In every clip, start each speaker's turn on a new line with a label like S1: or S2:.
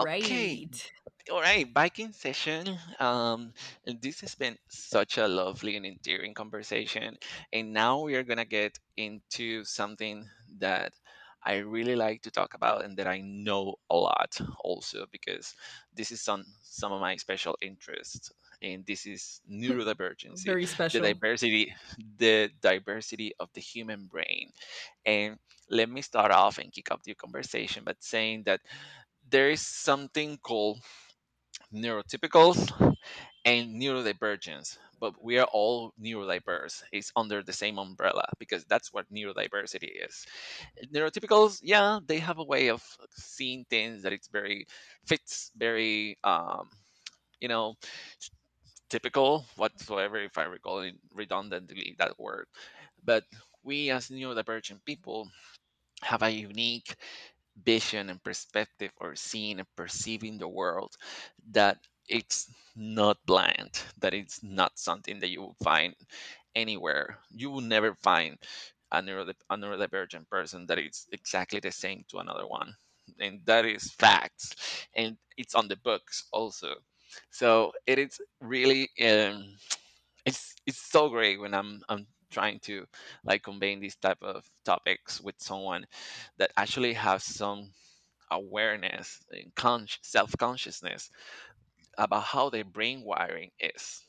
S1: Okay, all right, biking session. This has been such a lovely and endearing conversation. And now we are going to get into something that I really like to talk about, and that I know a lot also because this is on some of my special interests. And this is neurodivergency,
S2: Very
S1: the
S2: special.
S1: diversity, the diversity of the human brain. And let me start off and kick off the conversation by saying that there is something called neurotypicals and neurodivergence, but we are all neurodiverse. It's under the same umbrella because that's what neurodiversity is. Neurotypicals, yeah, they have a way of seeing things that it's very, fits very, you know typical whatsoever, if I recall it redundantly, that word. But we as neurodivergent people have a unique vision and perspective or seeing and perceiving the world, that it's not blind, that it's not something that you will find anywhere. You will never find a neurodivergent person that is exactly the same to another one. And that is facts, and it's on the books also. So it is really it's so great when I'm trying to like convey these type of topics with someone that actually has some awareness and self-consciousness about how their brain wiring is.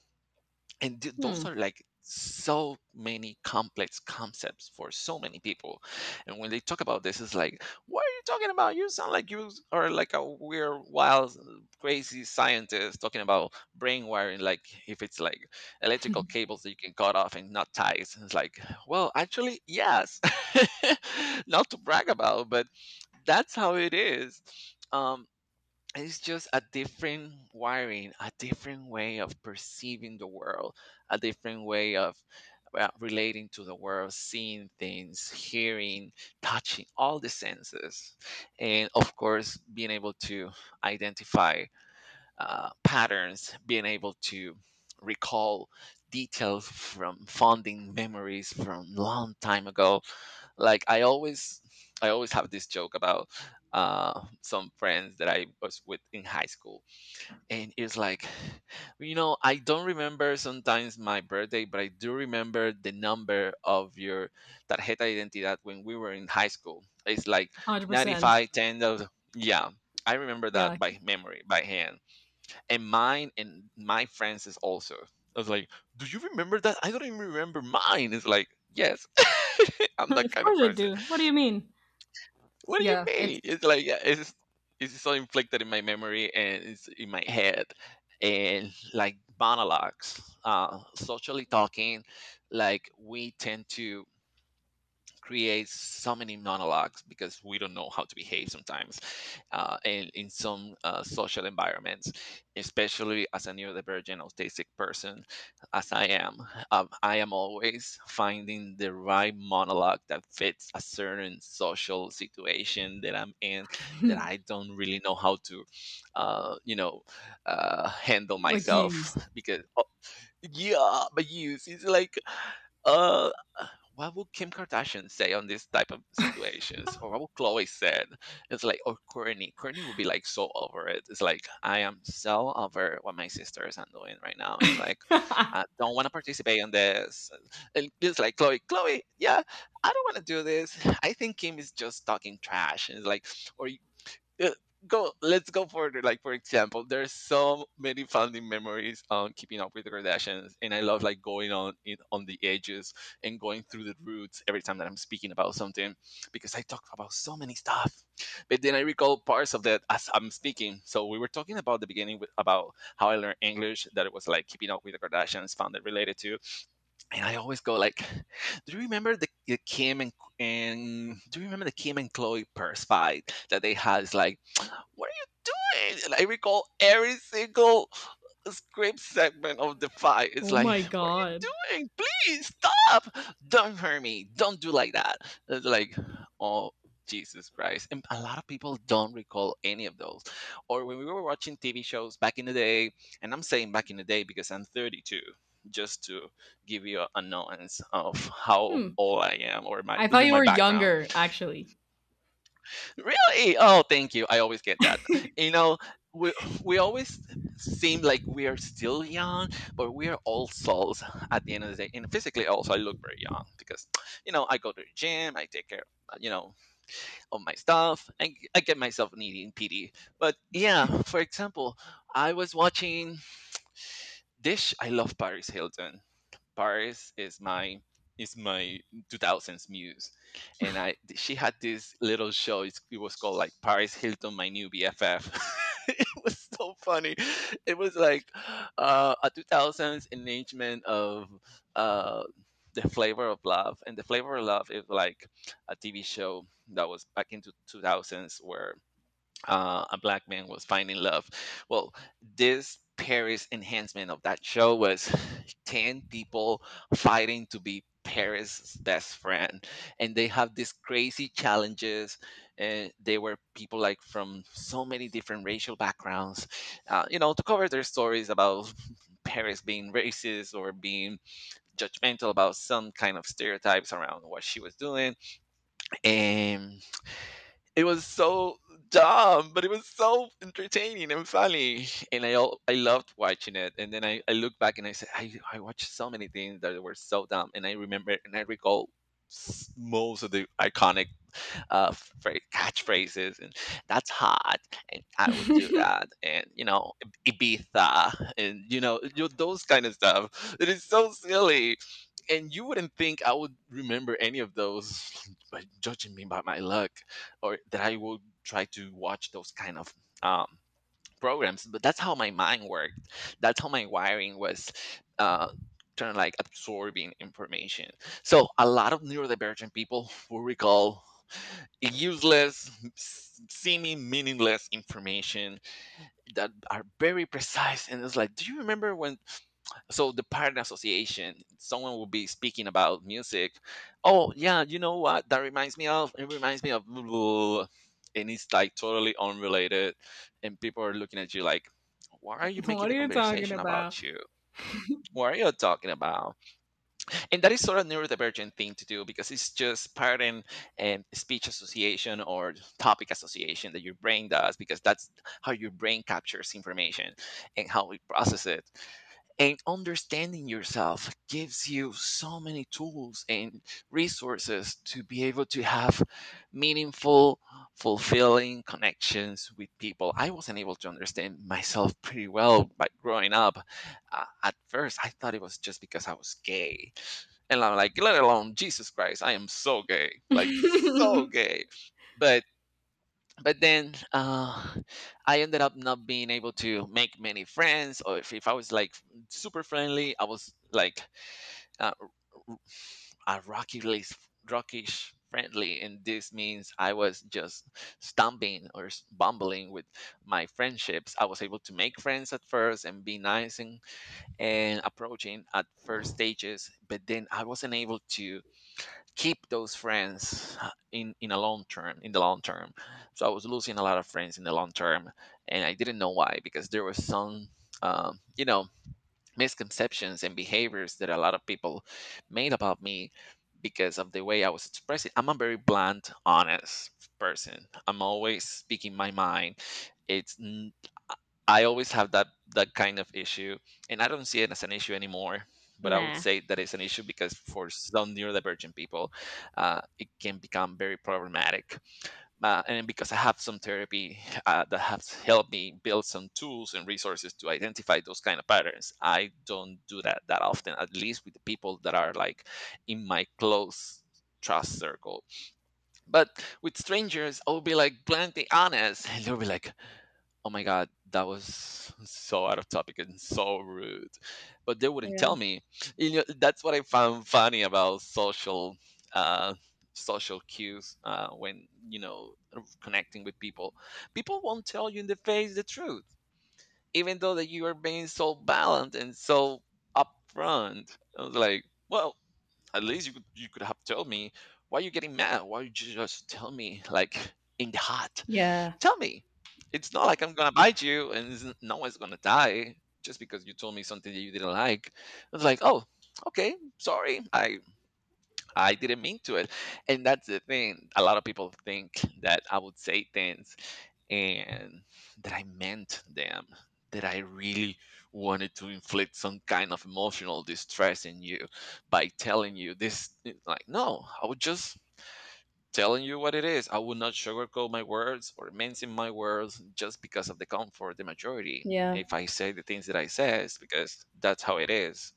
S1: And those
S2: Hmm,
S1: are like so many complex concepts for so many people. And when they talk about this, it's like, what are you talking about? You sound like you are like a weird, wild, crazy scientist talking about brain wiring, like if it's like electrical cables that you can cut off and not ties. And it's like, well, actually, yes. Not to brag about, but that's how it is. Um it's just a different wiring, a different way of perceiving the world, a different way of relating to the world, seeing things, hearing, touching, all the senses. And of course, being able to identify patterns, being able to recall details from fonding memories from long time ago. Like I always have this joke about some friends that I was with in high school. And it's like, I don't remember sometimes my birthday, but I do remember the number of your tarjeta de identidad when we were in high school. It's like ninety
S2: 100%.
S1: five ten. Yeah. I remember that
S2: Yeah.
S1: by memory, by hand, and mine and my friends is also. I was like, "Do you remember that? I don't even remember mine." It's like, "Yes, I'm that
S2: Of
S1: kind of
S2: course I
S1: person."
S2: do. What do you mean?
S1: What do you
S2: Yeah, it's
S1: mean? It's like, yeah, it's so inflicted in my memory, and it's in my head. And like monologues, socially talking, like we tend to creates so many monologues because we don't know how to behave sometimes, and in some social environments, especially as a neurodivergent autistic person, as I am. I am always finding the right monologue that fits a certain social situation that I'm in, that I don't really know how to uh, you know handle
S2: like
S1: myself,
S2: use.
S1: because yeah. But yes, it's like, uh, what would Kim Kardashian say on this type of situations, or what would Chloe said? It's like, or Courtney. Courtney would be like so over it. It's like, I am so over what my sisters are doing right now. It's like, I don't want to participate on this. And it's like, Chloe, Chloe, yeah, I don't want to do this. I think Kim is just talking trash. And it's like, or uh, go let's go further, like for example, there's so many funny memories on keeping up with the Kardashians, and I love like going on in on the edges and going through the roots every time that I'm speaking about something, because I talk about so many stuff, but then I recall parts of that as I'm speaking. So we were talking about the beginning with, about how I learned English, that it was like keeping up with the Kardashians found it related to. And I always go like, do you remember the kim and do you remember the Kim and Chloe purse fight that they had? It's like, what do you mean? And I recall every single script segment of the fight. It's
S2: Oh
S1: like,
S2: my
S1: what are
S2: god.
S1: you doing? Please stop! Don't hurt me. Don't do like that. It's like, oh, Jesus Christ. And a lot of people don't recall any of those. Or when we were watching TV shows back in the day, and I'm saying back in the day because I'm 32, just to give you a nuance of how
S2: Hmm.
S1: old I am, or my
S2: I thought you
S1: my
S2: were
S1: background.
S2: younger, actually.
S1: Really? Oh, thank you. I always get that. You know, we we always seem like we are still young, but we are all souls at the end of the day. And physically, also, I look very young because, I go to the gym. I take care of, you know, of my stuff, and I get myself needing PD. But yeah, for example, I was watching Dish. I love Paris Hilton. Paris is my 2000s muse, and I she had this little show. It was called like Paris Hilton, my new BFF. It was so funny. It was like a 2000s enactment of uh, the flavor of love. And the flavor of love is like a TV show that was back into 2000s where a black man was finding love. Well, this Paris enhancement of that show was 10 people fighting to be Paris' best friend. And they have these crazy challenges. And they were people like from so many different racial backgrounds, to cover their stories about Paris being racist or being judgmental about some kind of stereotypes around what she was doing. And it was so dumb, but it was so entertaining and funny, and I all I loved watching it. And then I look back and I said I watched so many things that were so dumb. And I remember and I recall most of the iconic uh catchphrases, and "that's hot," and "I
S2: What
S1: would do that," and Ibiza, and those kind of stuff. It is so silly, and you wouldn't think I would remember any of those by judging me by my look, or that I would try to watch those kind of um programs. But that's how my mind worked. That's how my wiring was, uh kind of like absorbing information. So a lot of neurodivergent people will recall useless, seeming meaningless information that are very precise. And it's like, do you remember when? So the partner association, someone will be speaking about music. Oh yeah, you know what? That reminds me of. It reminds me of blah, blah, blah. And it's like totally unrelated, and people are looking at you like, "What are you making
S2: are
S1: the
S2: you talking
S1: conversation
S2: about?
S1: about? You? What are you talking about?" And that is sort of neurodivergent thing to do, because it's just part, and speech association or topic association that your brain does, because that's how your brain captures information and how we process it. And understanding yourself gives you so many tools and resources to be able to have meaningful, fulfilling connections with people. I wasn't able to understand myself pretty well by growing up. At first I thought it was just because I was gay, and I'm like, let alone Jesus Christ, I am so gay, like so gay. But then, I ended up not being able to make many friends, or if I was like super friendly, I was like uh, r- a rockily rockish friendly, and this means I was just stumbling or bumbling with my friendships. I was able to make friends at first and be nice, and approaching at first stages, but then I wasn't able to keep those friends in the long term. So I was losing a lot of friends in the long term, and I didn't know why, because there were some um, you know misconceptions and behaviors that a lot of people made about me because of the way I was expressing. I'm a very blunt, honest person. I'm always speaking my mind. it's n- I always have that kind of issue, and I don't see it as an issue anymore. But I would
S2: Nah.
S1: say that it's an issue because for some neurodivergent people, it can become very problematic. And because I have some therapy that has helped me build some tools and resources to identify those kind of patterns, I don't do that that often. At least with the people that are like in my close trust circle. But with strangers, I'll be like blankly honest, and they'll be like, "Oh my god, that was so out of topic and so rude," but they wouldn't tell
S2: Yeah.
S1: me. You know, that's what I found funny about social, uh, social cues when you know connecting with people. People won't tell you in the face the truth, even though that you are being so balanced and so upfront. I was like, "Well, at least you could have told me why you getting mad. Why you just tell me like in the heart?
S2: Yeah.
S1: Tell me. It's not like I'm gonna bite you and no one's gonna die just because you told me something that you didn't like." It's like, "Oh, okay, sorry. I didn't mean to it." And that's the thing. A lot of people think that I would say things and that I meant them, that I really wanted to inflict some kind of emotional distress in you by telling you this. It's like, no, I would just telling you what it is. I will not sugarcoat my words or mention my words just because of the comfort, the majority.
S2: Yeah.
S1: If I say the things that I says, because that's how it is,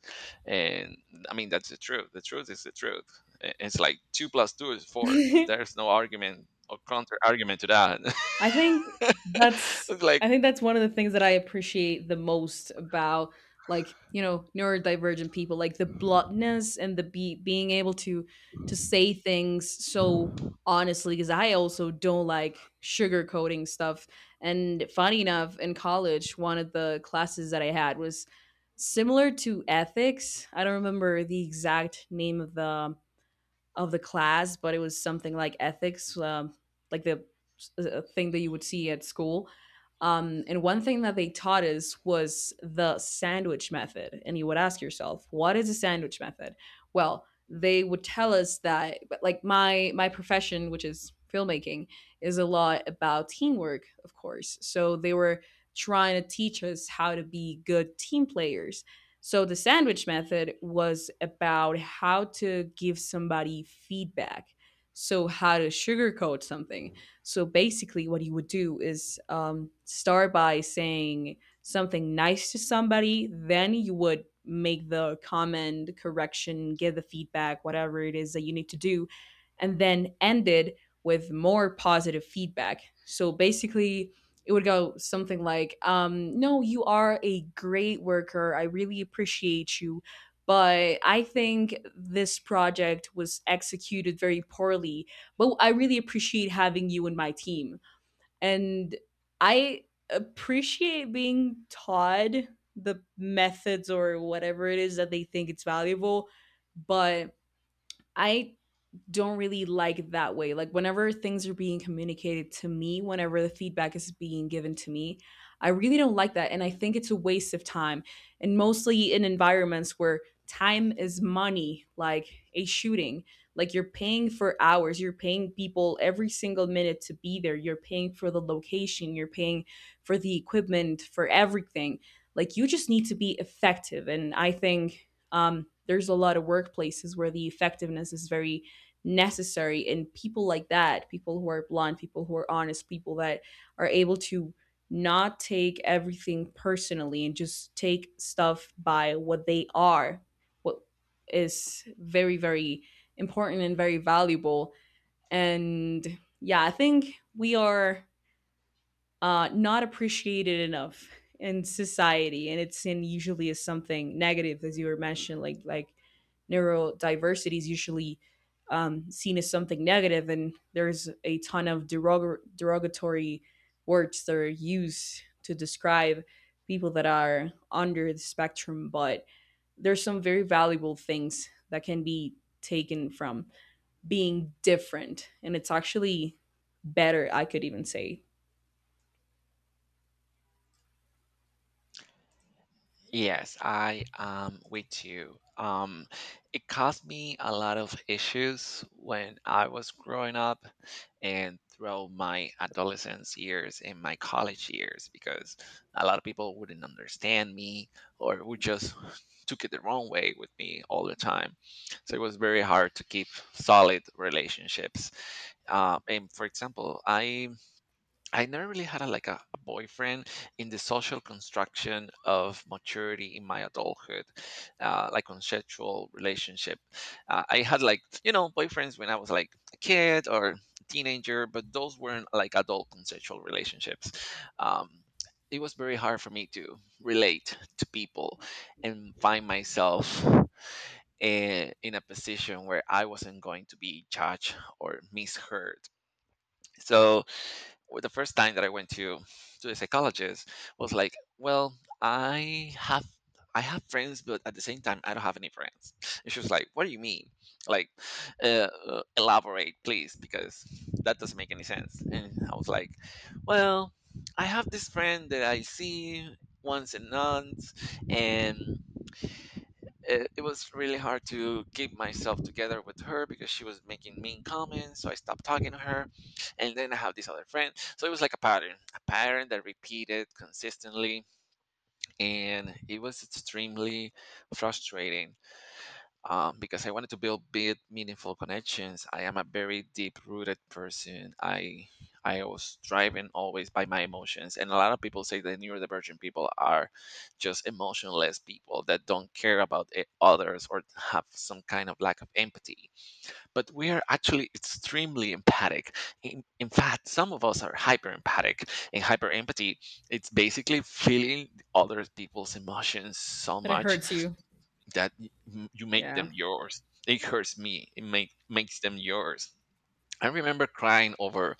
S1: and I mean that's the truth. The truth is the truth. It's like two plus two is four. There's no argument or counter argument to that.
S2: I think that's
S1: It's like
S2: I think that's one of the things that I appreciate the most about, like, you know, neurodivergent people, like the bluntness and the be being able to say things so honestly, because I also don't like sugarcoating stuff. And funny enough, in college, one of the classes that I had was similar to ethics. I don't remember the exact name of the class, but it was something like ethics, like the thing that you would see at school. And one thing that they taught us was the sandwich method. And you would ask yourself, what is a sandwich method? Well, they would tell us that, but like my profession, which is filmmaking, is a lot about teamwork, of course. So they were trying to teach us how to be good team players, so the sandwich method was about how to give somebody feedback. So how to sugarcoat something. So basically, what you would do is start by saying something nice to somebody, then you would make the comment, correction, give the feedback, whatever it is that you need to do, and then end it with more positive feedback. So basically, it would go something like, no, you are a great worker. I really appreciate you. But I think this project was executed very poorly. But I really appreciate having you in my team. And I appreciate being taught the methods or whatever it is that they think it's valuable. But I don't really like that way. Like whenever things are being communicated to me, whenever the feedback is being given to me, I really don't like that, and I think it's a waste of time. And mostly in environments where time is money, like a shooting, like you're paying for hours, you're paying people every single minute to be there, you're paying for the location, you're paying for the equipment, for everything. Like you just need to be effective, and I think there's a lot of workplaces where the effectiveness is very necessary, and people like that, people who are blunt, people who are honest, people that are able to not take everything personally and just take stuff by what they are, what is very very important and very valuable. And yeah, I think we are not appreciated enough in society, and it's seen usually as something negative, as you were mentioning. Like neurodiversity is usually seen as something negative, and there's a ton of derogatory words that are used to describe people that are under the spectrum. But there's some very valuable things that can be taken from being different, and it's actually better, I could even say.
S1: Yes, I am with you. It caused me a lot of issues when I was growing up and throughout my adolescence years and my college years because a lot of people wouldn't understand me, or would just took it the wrong way with me all the time. So it was very hard to keep solid relationships. And for example, I never really had like a boyfriend in the social construction of maturity in my adulthood, like consensual relationship. I had like you know boyfriends when I was like a kid or teenager, but those weren't like adult consensual relationships. Um, it was very hard for me to relate to people and find myself in a position where I wasn't going to be judged or misheard. So the first time that I went to the psychologist was like, well, I have I have friends, but at the same time, I don't have any friends. And she was like, "What do you mean? Like, elaborate, please, because that doesn't make any sense." And I was like, well, I have this friend that I see once a month, and it was really hard to keep myself together with her because she was making mean comments. So I stopped talking to her. And then I have this other friend. So it was like a pattern that repeated consistently. And it was extremely frustrating, because I wanted to build big, meaningful connections. I am a very deep-rooted person. I was driven always by my emotions, and a lot of people say that neurodivergent people are just emotionless people that don't care about others, or have some kind of lack of empathy. But we are actually extremely empathic. In fact, some of us are hyper empathic, and hyper empathy it's basically feeling other people's emotions so
S2: But it
S1: much
S2: hurts you.
S1: that you make
S2: Yeah.
S1: them yours. It hurts me. It makes them yours. I remember crying over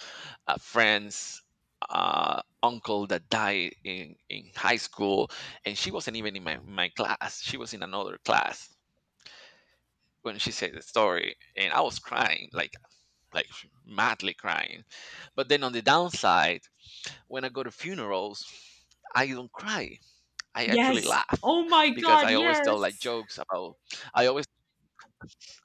S1: a friend's uncle that died in high school, and she wasn't even in my, my class. She was in another class when she said the story, and I was crying like madly crying. But then on the downside, when I go to funerals, I don't cry. I actually
S2: Yes.
S1: laugh
S2: Oh my
S1: because
S2: god,
S1: I always tell like
S2: yes.
S1: jokes about I always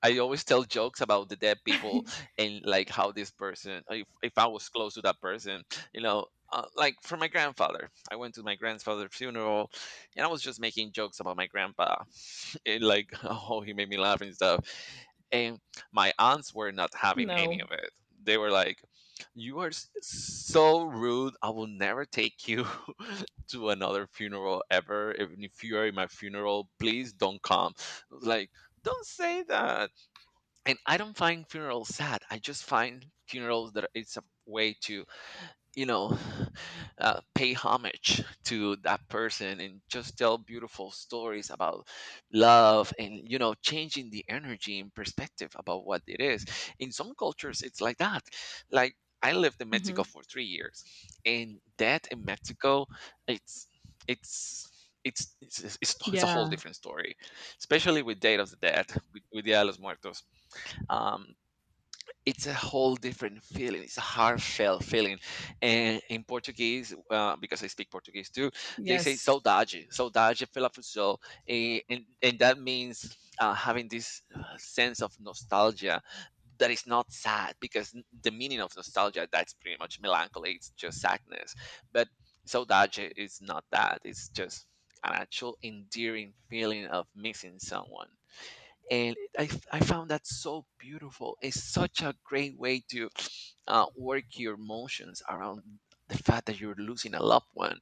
S1: I always tell jokes about the dead people and like how this person, if I was close to that person, you know, like for my grandfather, I went to my grandfather's funeral and I was just making jokes about my grandpa and like, oh, he made me laugh and stuff. And my aunts were not having any of
S2: No.
S1: it. They were like, "You are so rude. I will never take you to another funeral ever. Even if you are in my funeral, please don't come. Like, don't say that." And I don't find funerals sad. I just find funerals that it's a way to, you know, pay homage to that person and just tell beautiful stories about love and, you know, changing the energy and perspective about what it is. In some cultures it's like that. Like, I lived in Mexico
S2: Hmm.
S1: for 3 years, and that in Mexico it's it's it's a whole
S2: Yeah.
S1: different story, especially with date of the dead, with Dia de los Muertos. Um, it's a whole different feeling. It's a heartfelt feeling. And in Portuguese, because I speak Portuguese too, they say
S2: Yes.
S1: saudade, saudade pela futsal. And that means having this sense of nostalgia that is not sad, because the meaning of nostalgia, that's pretty much melancholy, it's just sadness. But saudade is not that. It's just an actual endearing feeling of missing someone. And I found that so beautiful. It's such a great way to work your emotions around the fact that you're losing a loved one,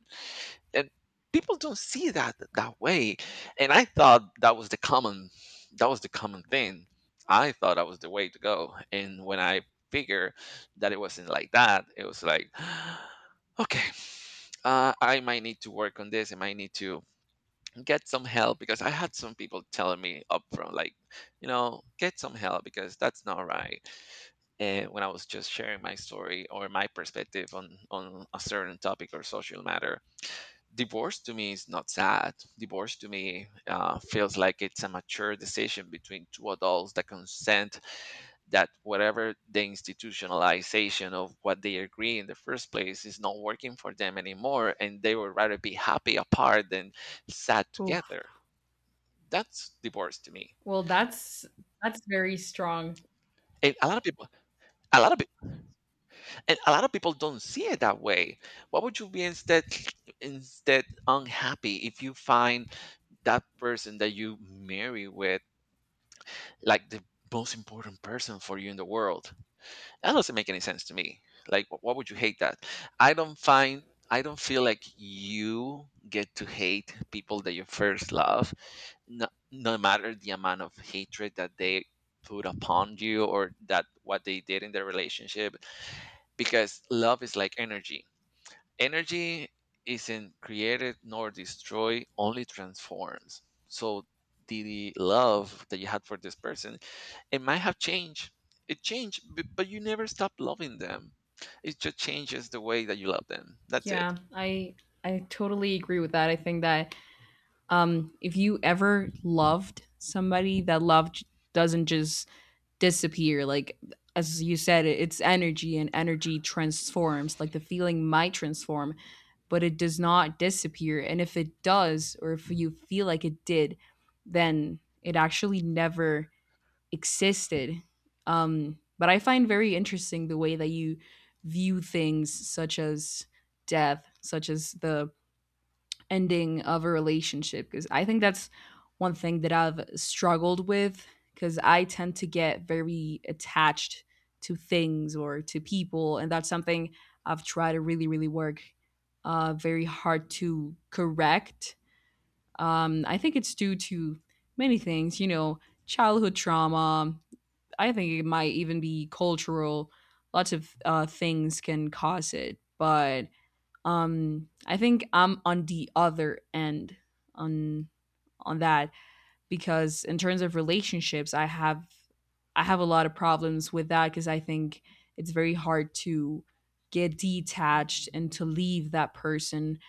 S1: and people don't see that that way. And I thought that was the common that was the common thing. I thought that was the way to go, and when I figured that it wasn't like that, it was like okay, I might need to work on this. I might need to get some help, because I had some people telling me up front, like, you know, get some help because that's not right. And when I was just sharing my story or my perspective on a certain topic or social matter, divorce to me is not sad. Divorce to me feels like it's a mature decision between two adults that consent, that whatever the institutionalization of what they agree in the first place is not working for them anymore, and they would rather be happy apart than sad
S2: Oh.
S1: together. That's divorce to me.
S2: Well, that's very strong.
S1: And a lot of people, a lot of people, and a lot of people don't see it that way. Why would you be instead unhappy if you find that person that you marry with like the most important person for you in the world? That doesn't make any sense to me. Like, why would you hate that? I don't find I don't feel like you get to hate people that you first love. No, matter the amount of hatred that they put upon you, or that what they did in their relationship, because love is like energy. Energy isn't created nor destroyed, only transforms. So the love that you had for this person, it might have changed. It changed, but you never stop loving them. It just changes the way that you love them. That's it.
S2: Yeah. I totally agree with that. I think that if you ever loved somebody, that love doesn't just disappear. Like, as you said, it's energy, and energy transforms. Like, the feeling might transform, but it does not disappear. And if it does, or if you feel like it did, then it actually never existed. But I find very interesting the way that you view things such as death, such as the ending of a relationship, because I think that's one thing that I've struggled with, because I tend to get very attached to things or to people, and that's something I've tried to really, really work very hard to correct. I think it's due to many things, you know, childhood trauma. I think it might even be cultural. Lots of things can cause it, but I think I'm on the other end on on that, because in terms of relationships, I have a lot of problems with that, because I think it's very hard to get detached and to leave that person,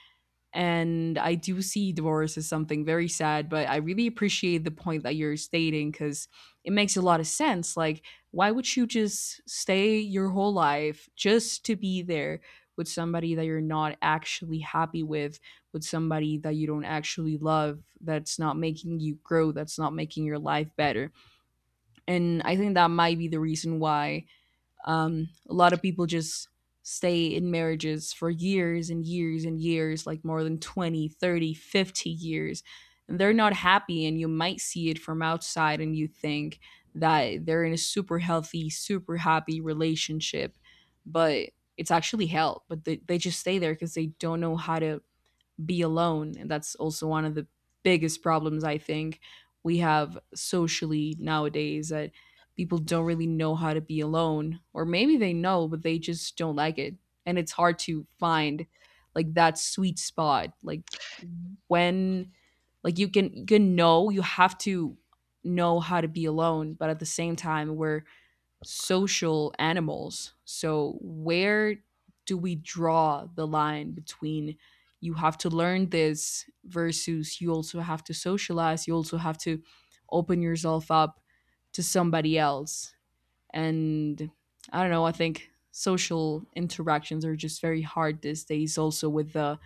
S2: and I do see divorce as something very sad, but I really appreciate the point that you're stating, because it makes a lot of sense. Like, why would you just stay your whole life just to be there with somebody that you're not actually happy with somebody that you don't actually love, that's not making you grow, that's not making your life better? And I think that might be the reason why a lot of people just stay in marriages for years and years and years, like more than 20, 30, 50 years. And they're not happy, and you might see it from outside, and you think that they're in a super healthy, super happy relationship, but it's actually hell. But they just stay there because they don't know how to be alone. And that's also one of the biggest problems, I think, we have socially nowadays, that people don't really know how to be alone. Or maybe they know, but they just don't like it. And it's hard to find like that sweet spot. When like you can know, you have to know how to be alone, but at the same time we're social animals. So, where do we draw the line between you have to learn this versus you also have to socialize, you also have to open yourself up to somebody else? And I don't know, I think social interactions are just very hard these days, also with the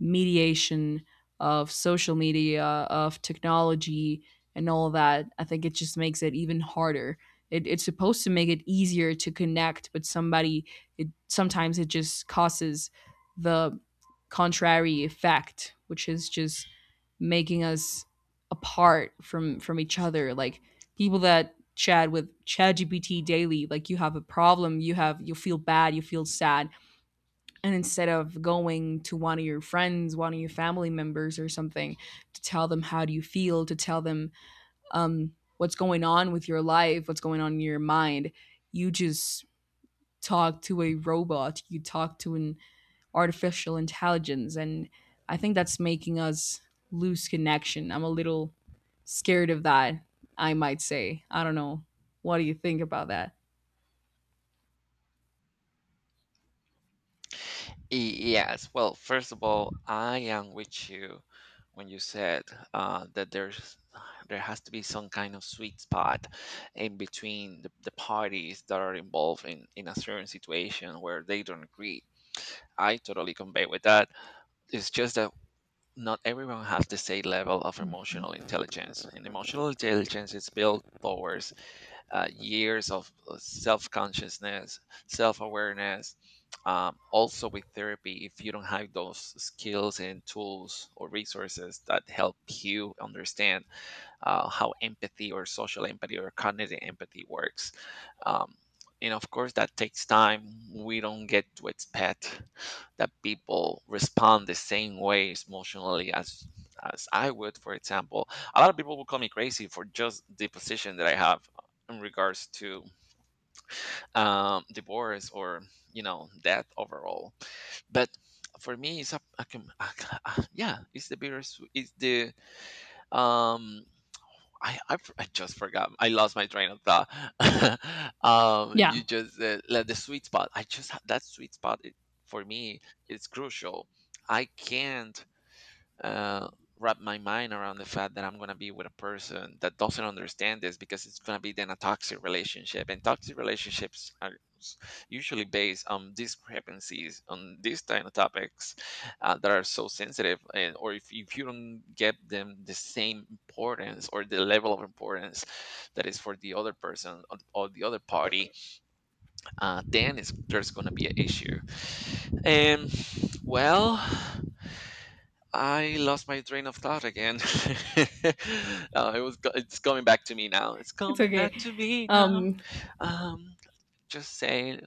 S2: mediation of social media, of technology, and all that. I think it just makes it even harder. It's supposed to make it easier to connect, but somebody, it sometimes it just causes the contrary effect, which is just making us apart from each other. Like people that chat with ChatGPT daily, like you have a problem, you feel bad, you feel sad, and instead of going to one of your friends, one of your family members or something, to tell them how do you feel, to tell them um, what's going on with your life, what's going on in your mind, you just talk to a robot, you talk to an artificial intelligence, and I think that's making us lose connection. I'm a little scared of that, I might say. I don't know, what do you think about that?
S1: Yes. Well, first of all, I am with you when you said that there has to be some kind of sweet spot in between the parties that are involved in a certain situation where they don't agree. I totally convey with that. It's just that not everyone has the same level of emotional intelligence. And emotional intelligence is built towards years of self consciousness, self awareness. Also, with therapy, if you don't have those skills and tools or resources that help you understand how empathy or social empathy or cognitive empathy works. Um, and of course, that takes time. We don't get to expect that people respond the same way emotionally as I would, for example. A lot of people will call me crazy for just the position that I have in regards to divorce, or you know death overall. But for me, it's yeah, it's the bittersweet, it's the um I just forgot. I lost my train of thought.
S2: Yeah,
S1: You just like the sweet spot. That sweet spot it, for me, is crucial. I can't uh, wrap my mind around the fact that I'm going to be with a person that doesn't understand this, because it's going to be then a toxic relationship. And toxic relationships are s- usually based on discrepancies on these kind of topics that are so sensitive. And, or if you don't get them the same importance or the level of importance that is for the other person, or the other party, then there's going to be an issue. And well, I lost my train of thought again. It's coming back to me now. It's
S2: it's
S1: coming
S2: okay.
S1: back to me now.
S2: um
S1: Um, just saying.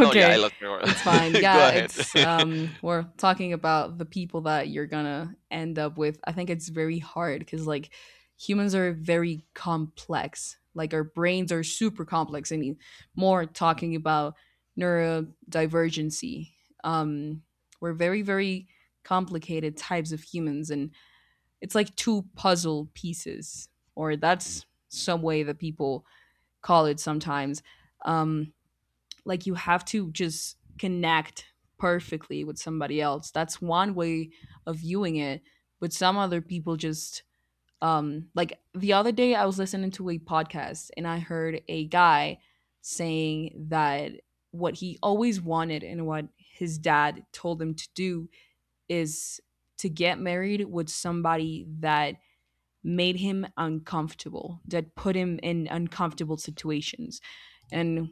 S1: No, yeah, I lost my
S2: it's fine.
S1: word. Go
S2: Yeah,
S1: ahead.
S2: it's we're talking about the people that you're gonna end up with. I think it's very hard, because like humans are very complex. Like our brains are super complex. I mean, more talking about neurodivergency. Um, we're very very complicated types of humans, and it's like two puzzle pieces, or that's some way that people call it sometimes. Um, like, you have to just connect perfectly with somebody else. That's one way of viewing it. But some other people just like the other day I was listening to a podcast, and I heard a guy saying that what he always wanted and what his dad told him to do is to get married with somebody that made him uncomfortable, that put him in uncomfortable situations. And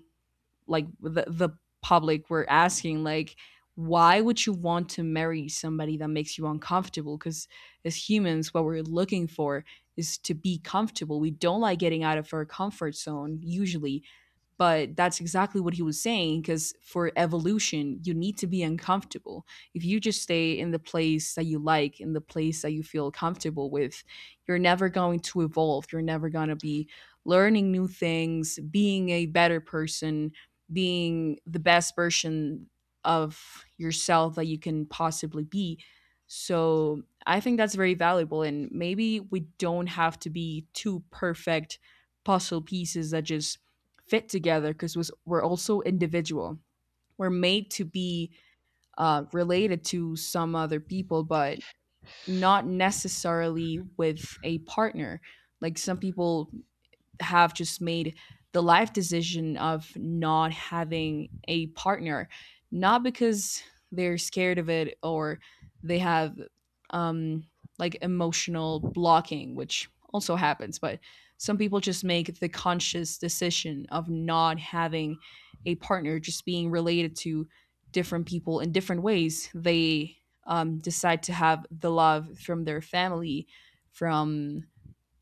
S2: like the public were asking, like, why would you want to marry somebody that makes you uncomfortable, because as humans what we're looking for is to be comfortable, we don't like getting out of our comfort zone usually. But that's exactly what he was saying, because for evolution you need to be uncomfortable. If you just stay in the place that you like, in the place that you feel comfortable with, you're never going to evolve, you're never going to be learning new things, being a better person, being the best version of yourself that you can possibly be. So I think that's very valuable, and maybe we don't have to be too perfect puzzle pieces that just fit together, because we're also individual. We're made to be related to some other people, but not necessarily with a partner. Like some people have just made the life decision of not having a partner, not because they're scared of it or they have um, like emotional blocking, which also happens, but some people just make the conscious decision of not having a partner, just being related to different people in different ways. They decide to have the love from their family, from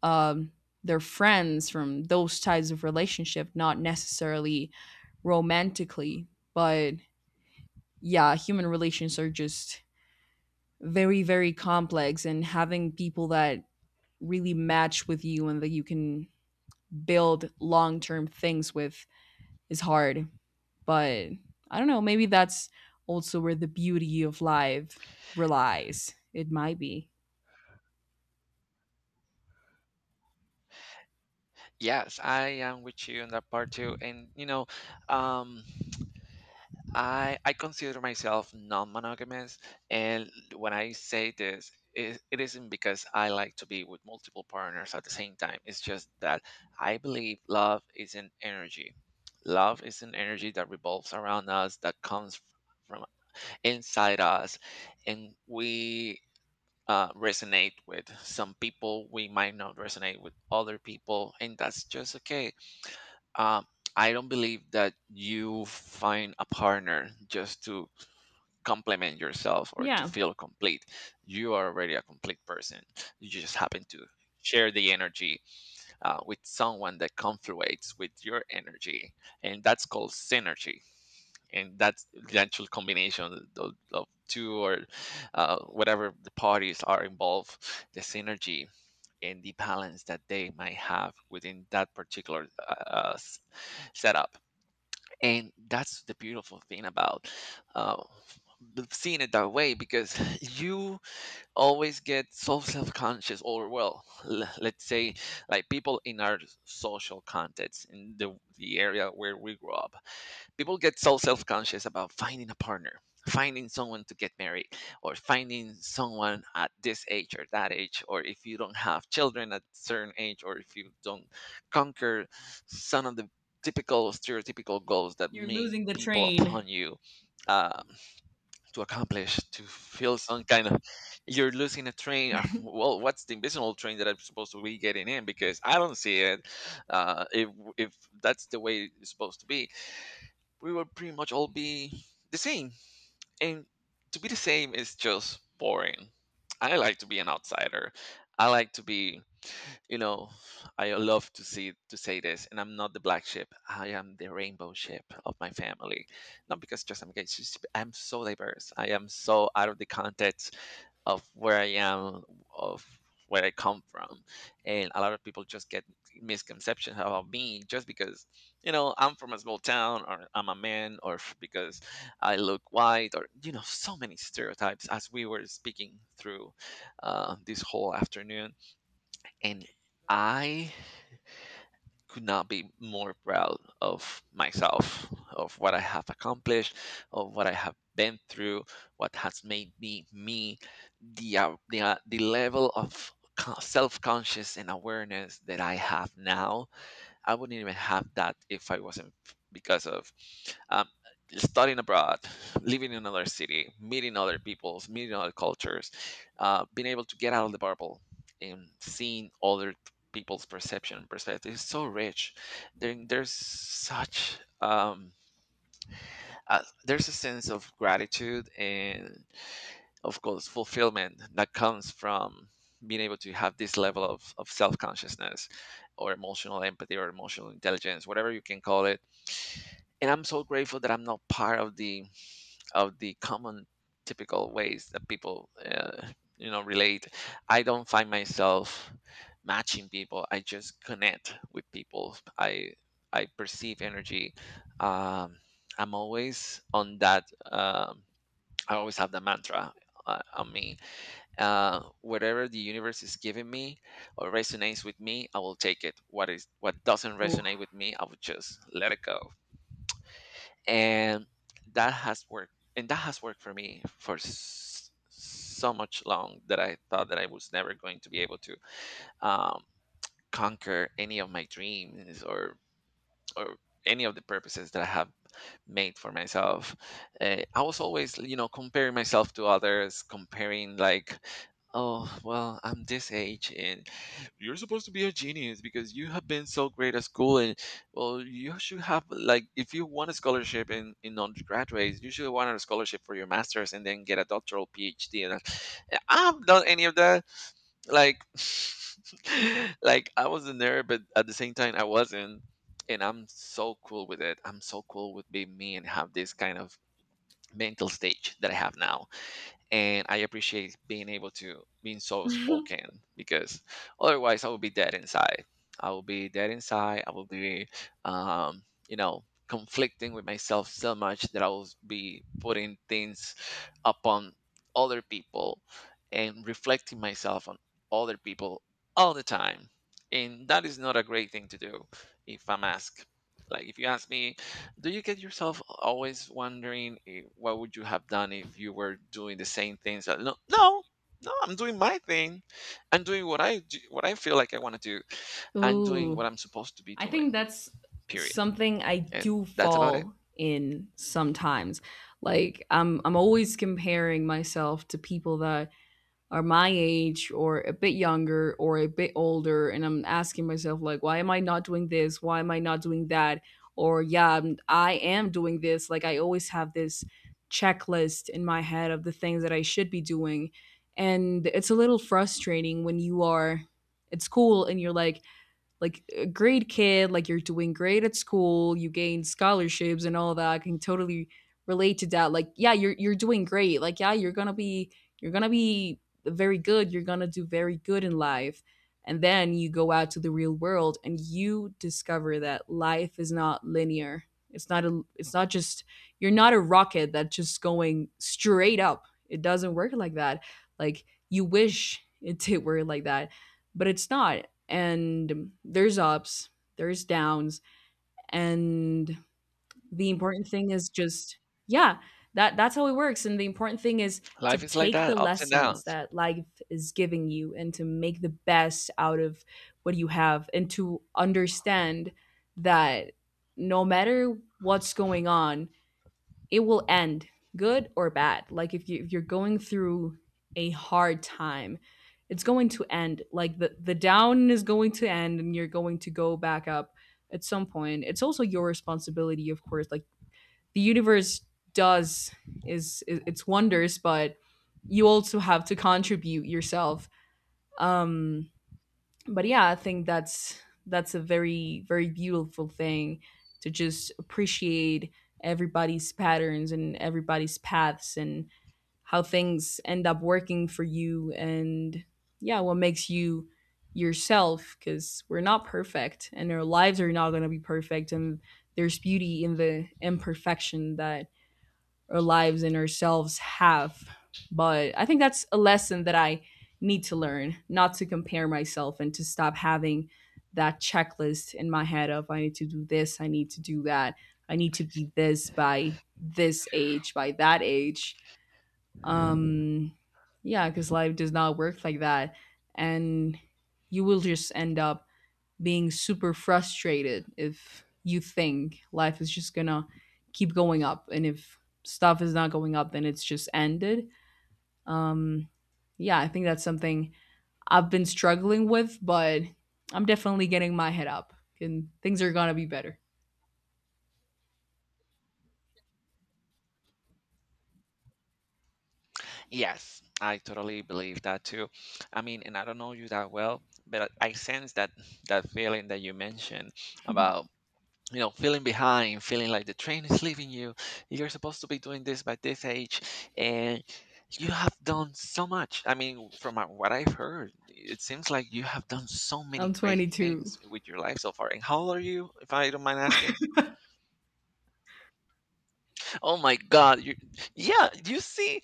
S2: um, their friends, from those types of relationship, not necessarily romantically. But yeah, human relations are just very, very complex, and having people that really match with you and that you can build long term things with is hard. But I don't know, maybe that's also where the beauty of life relies. It might be.
S1: Yes, I am with you on that part too. And um, I consider myself non-monogamous, and when I say this, it isn't because I like to be with multiple partners at the same time. It's just that I believe love is an energy. Love is an energy that revolves around us, that comes from inside us, and we resonate with some people. We might not resonate with other people, and that's just okay. Uh, I don't believe that you find a partner just to complement yourself or to
S2: Yeah.
S1: feel complete. You are already a complete person. You just happen to share the energy with someone that confluates with your energy, and that's called synergy, and that's the actual combination of two, or whatever the parties are involved, the synergy and the balance that they might have within that particular setup. And that's the beautiful thing about uh, seeing it that way, because you always get so self-conscious. Or well, let's say, like people in our social context, in the area where we grew up, people get so self-conscious about finding a partner, finding someone to get married, or finding someone at this age or that age, or if you don't have children at certain age, or if you don't conquer some of the typical stereotypical goals that
S2: You're
S1: make
S2: losing the
S1: people
S2: train.
S1: upon you um, to accomplish, to feel some kind of, you're losing a train. Well, what's the invisible train that I'm supposed to be getting in, because I don't see it? uh, if if that's the way it's supposed to be, we will pretty much all be the same. And to be the same is just boring. I like to be an outsider. I like to be, you know, I love to see to say this, and I'm not the black sheep. I am the rainbow sheep of my family. Not because just I'm gay. It's just I'm so diverse. I am so out of the context of where I am, of where I come from, and a lot of people just get misconceptions about me just because I'm from a small town, or I'm a man, or because I look white, or so many stereotypes. As we were speaking through this whole afternoon, and I could not be more proud of myself, of what I have accomplished, of what I have been through, what has made me me, the the level of self conscious and awareness that I have now. I wouldn't even have that if I wasn't because of um, studying abroad, living in another city, meeting other peoples, meeting other cultures, being able to get out of the bubble, and seeing other people's perception and perspective is so rich. There's such there's a sense of gratitude and of course fulfillment that comes from being able to have this level of self-consciousness, or emotional empathy, or emotional intelligence, whatever you can call it. And I'm so grateful that I'm not part of the common typical ways that people relate. I don't find myself matching people. I just connect with people. I perceive energy. um, I'm always on that. um, I always have the mantra on me. Whatever the universe is giving me or resonates with me, I will take it. What is, what doesn't
S2: Ooh,
S1: resonate with me, I will just let it go. And that has worked, and that has worked for me for so much long that I thought that I was never going to be able to um, conquer any of my dreams, or any of the purposes that I have made for myself. I was always, comparing myself to others, comparing like, oh, well, I'm this age and you're supposed to be a genius because you have been so great at school, and well, you should have, like, if you want a scholarship in undergraduates, you should want a scholarship for your masters and then get a doctoral PhD. And I'm not any of that, like, like I wasn't there, but at the same time I wasn't. And I'm so cool with it, I'm so cool with being me and have this kind of mental stage that I have now. And I appreciate being able to being so spoken, because otherwise I would be dead inside. I will be dead inside. I will be um, conflicting with myself so much that I will be putting things upon other people, and reflecting myself on other people all the time. And that is not a great thing to do if I'm asked. Like if you ask me, do you get yourself always wondering, what would you have done if you were doing the same things No, I'm doing my thing. I'm doing what I do, what I feel like I want to do. I'm doing
S2: Ooh.
S1: what I'm supposed to be
S2: I
S1: doing,
S2: think that's
S1: period.
S2: something I
S1: And
S2: do
S1: that's about it.
S2: fall in sometimes. Like I'm always comparing myself to people that are my age or a bit younger or a bit older, and I'm asking myself, like, why am I not doing this? Why am I not doing that? Or yeah, I am doing this. Like, I always have this checklist in my head of the things that I should be doing, and it's a little frustrating when you are at school and you're like a great kid, like, you're doing great at school, you gain scholarships and all that. I can totally relate to that. Like, yeah, you're doing great. Like, yeah, you're gonna be very good. You're gonna do very good in life. And then you go out to the real world and you discover that life is not linear. It's not just, you're not a rocket that's just going straight up. It doesn't work like that. Like, you wish it did work like that, but it's not, and there's ups, there's downs, and the important thing is just, yeah, that's how it works, and the important thing is to
S1: Life is like
S2: take
S1: that,
S2: the
S1: ups and
S2: lessons
S1: downs.
S2: that life is giving you and to make the best out of what you have, and to understand that no matter what's going on, it will end good or bad. Like, if you're going through a hard time, it's going to end. Like, the down is going to end, and you're going to go back up at some point. It's also your responsibility, of course. Like, the universe does is its wonders, but you also have to contribute yourself. um but yeah, I think that's a very very beautiful thing, to just appreciate everybody's patterns and everybody's paths, and how things end up working for you, and yeah, what makes you yourself, because we're not perfect and our lives are not going to be perfect, and there's beauty in the imperfection that our lives and ourselves have. But I think that's a lesson that I need to learn, not to compare myself and to stop having that checklist in my head of I need to do this, I need to do that, I need to be this by this age, by that age. Um yeah, cuz life does not work like that, and you will just end up being super frustrated if you think life is just gonna keep going up, and if stuff is not going up then it's just ended. um yeah, I think that's something I've been struggling with, but I'm definitely getting my head up, and things are gonna be better.
S1: Yes, I totally believe that too. I mean, and I don't know you that well, but I sense that that feeling that you mentioned about, feeling behind, feeling like the train is leaving you, you're supposed to be doing this by this age. And you have done so much, I mean, from what I've heard, it seems like you have done so
S2: I'm
S1: many great
S2: 22.
S1: things with your life so far. And how old are you, if I don't mind asking? Oh my God! You, yeah, you see,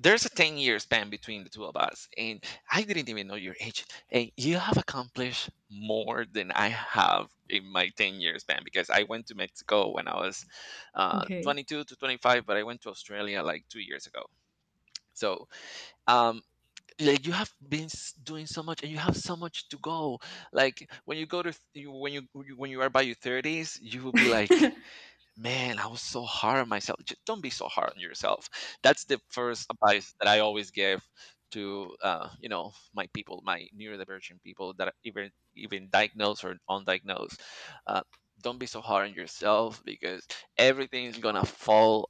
S1: there's a 10-year span between the two of us, and I didn't even know your age. And you have accomplished more than I have in my 10-year span, because I went to Mexico when I was
S2: Okay.
S1: 22 to 25, but I went to Australia like 2 years ago. So, um, like you have been doing so much, and you have so much to go. Like when you go to when you are by your 30s, you will be like, man, I was so hard on myself. Don't be so hard on yourself. That's the first advice that I always give to my people, my neurodivergent people that are even diagnosed or undiagnosed. Uh, don't be so hard on yourself, because everything is gonna fall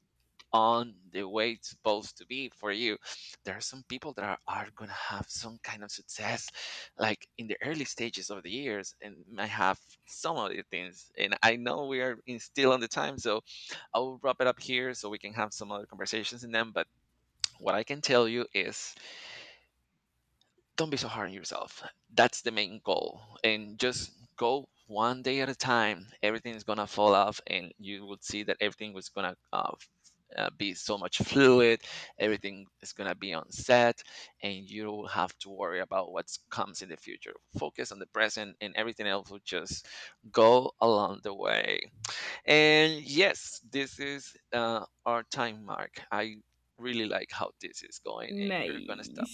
S1: on the way it's supposed to be for you. There are some people that are going to have some kind of success, like in the early stages of the years, and might have some of the things. And I know we are in, still on the time, so I'll wrap it up here so we can have some other conversations in them. But what I can tell you is, don't be so hard on yourself. That's the main goal. And just go one day at a time. Everything's going to fall off, and you will see that everything was going to be so much fluid. Everything is going to be on set, and you don't have to worry about what comes in the future. Focus on the present, and everything else will just go along the way. And yes, this is our time mark. I really like how this is going, and we're gonna stop
S2: Nice.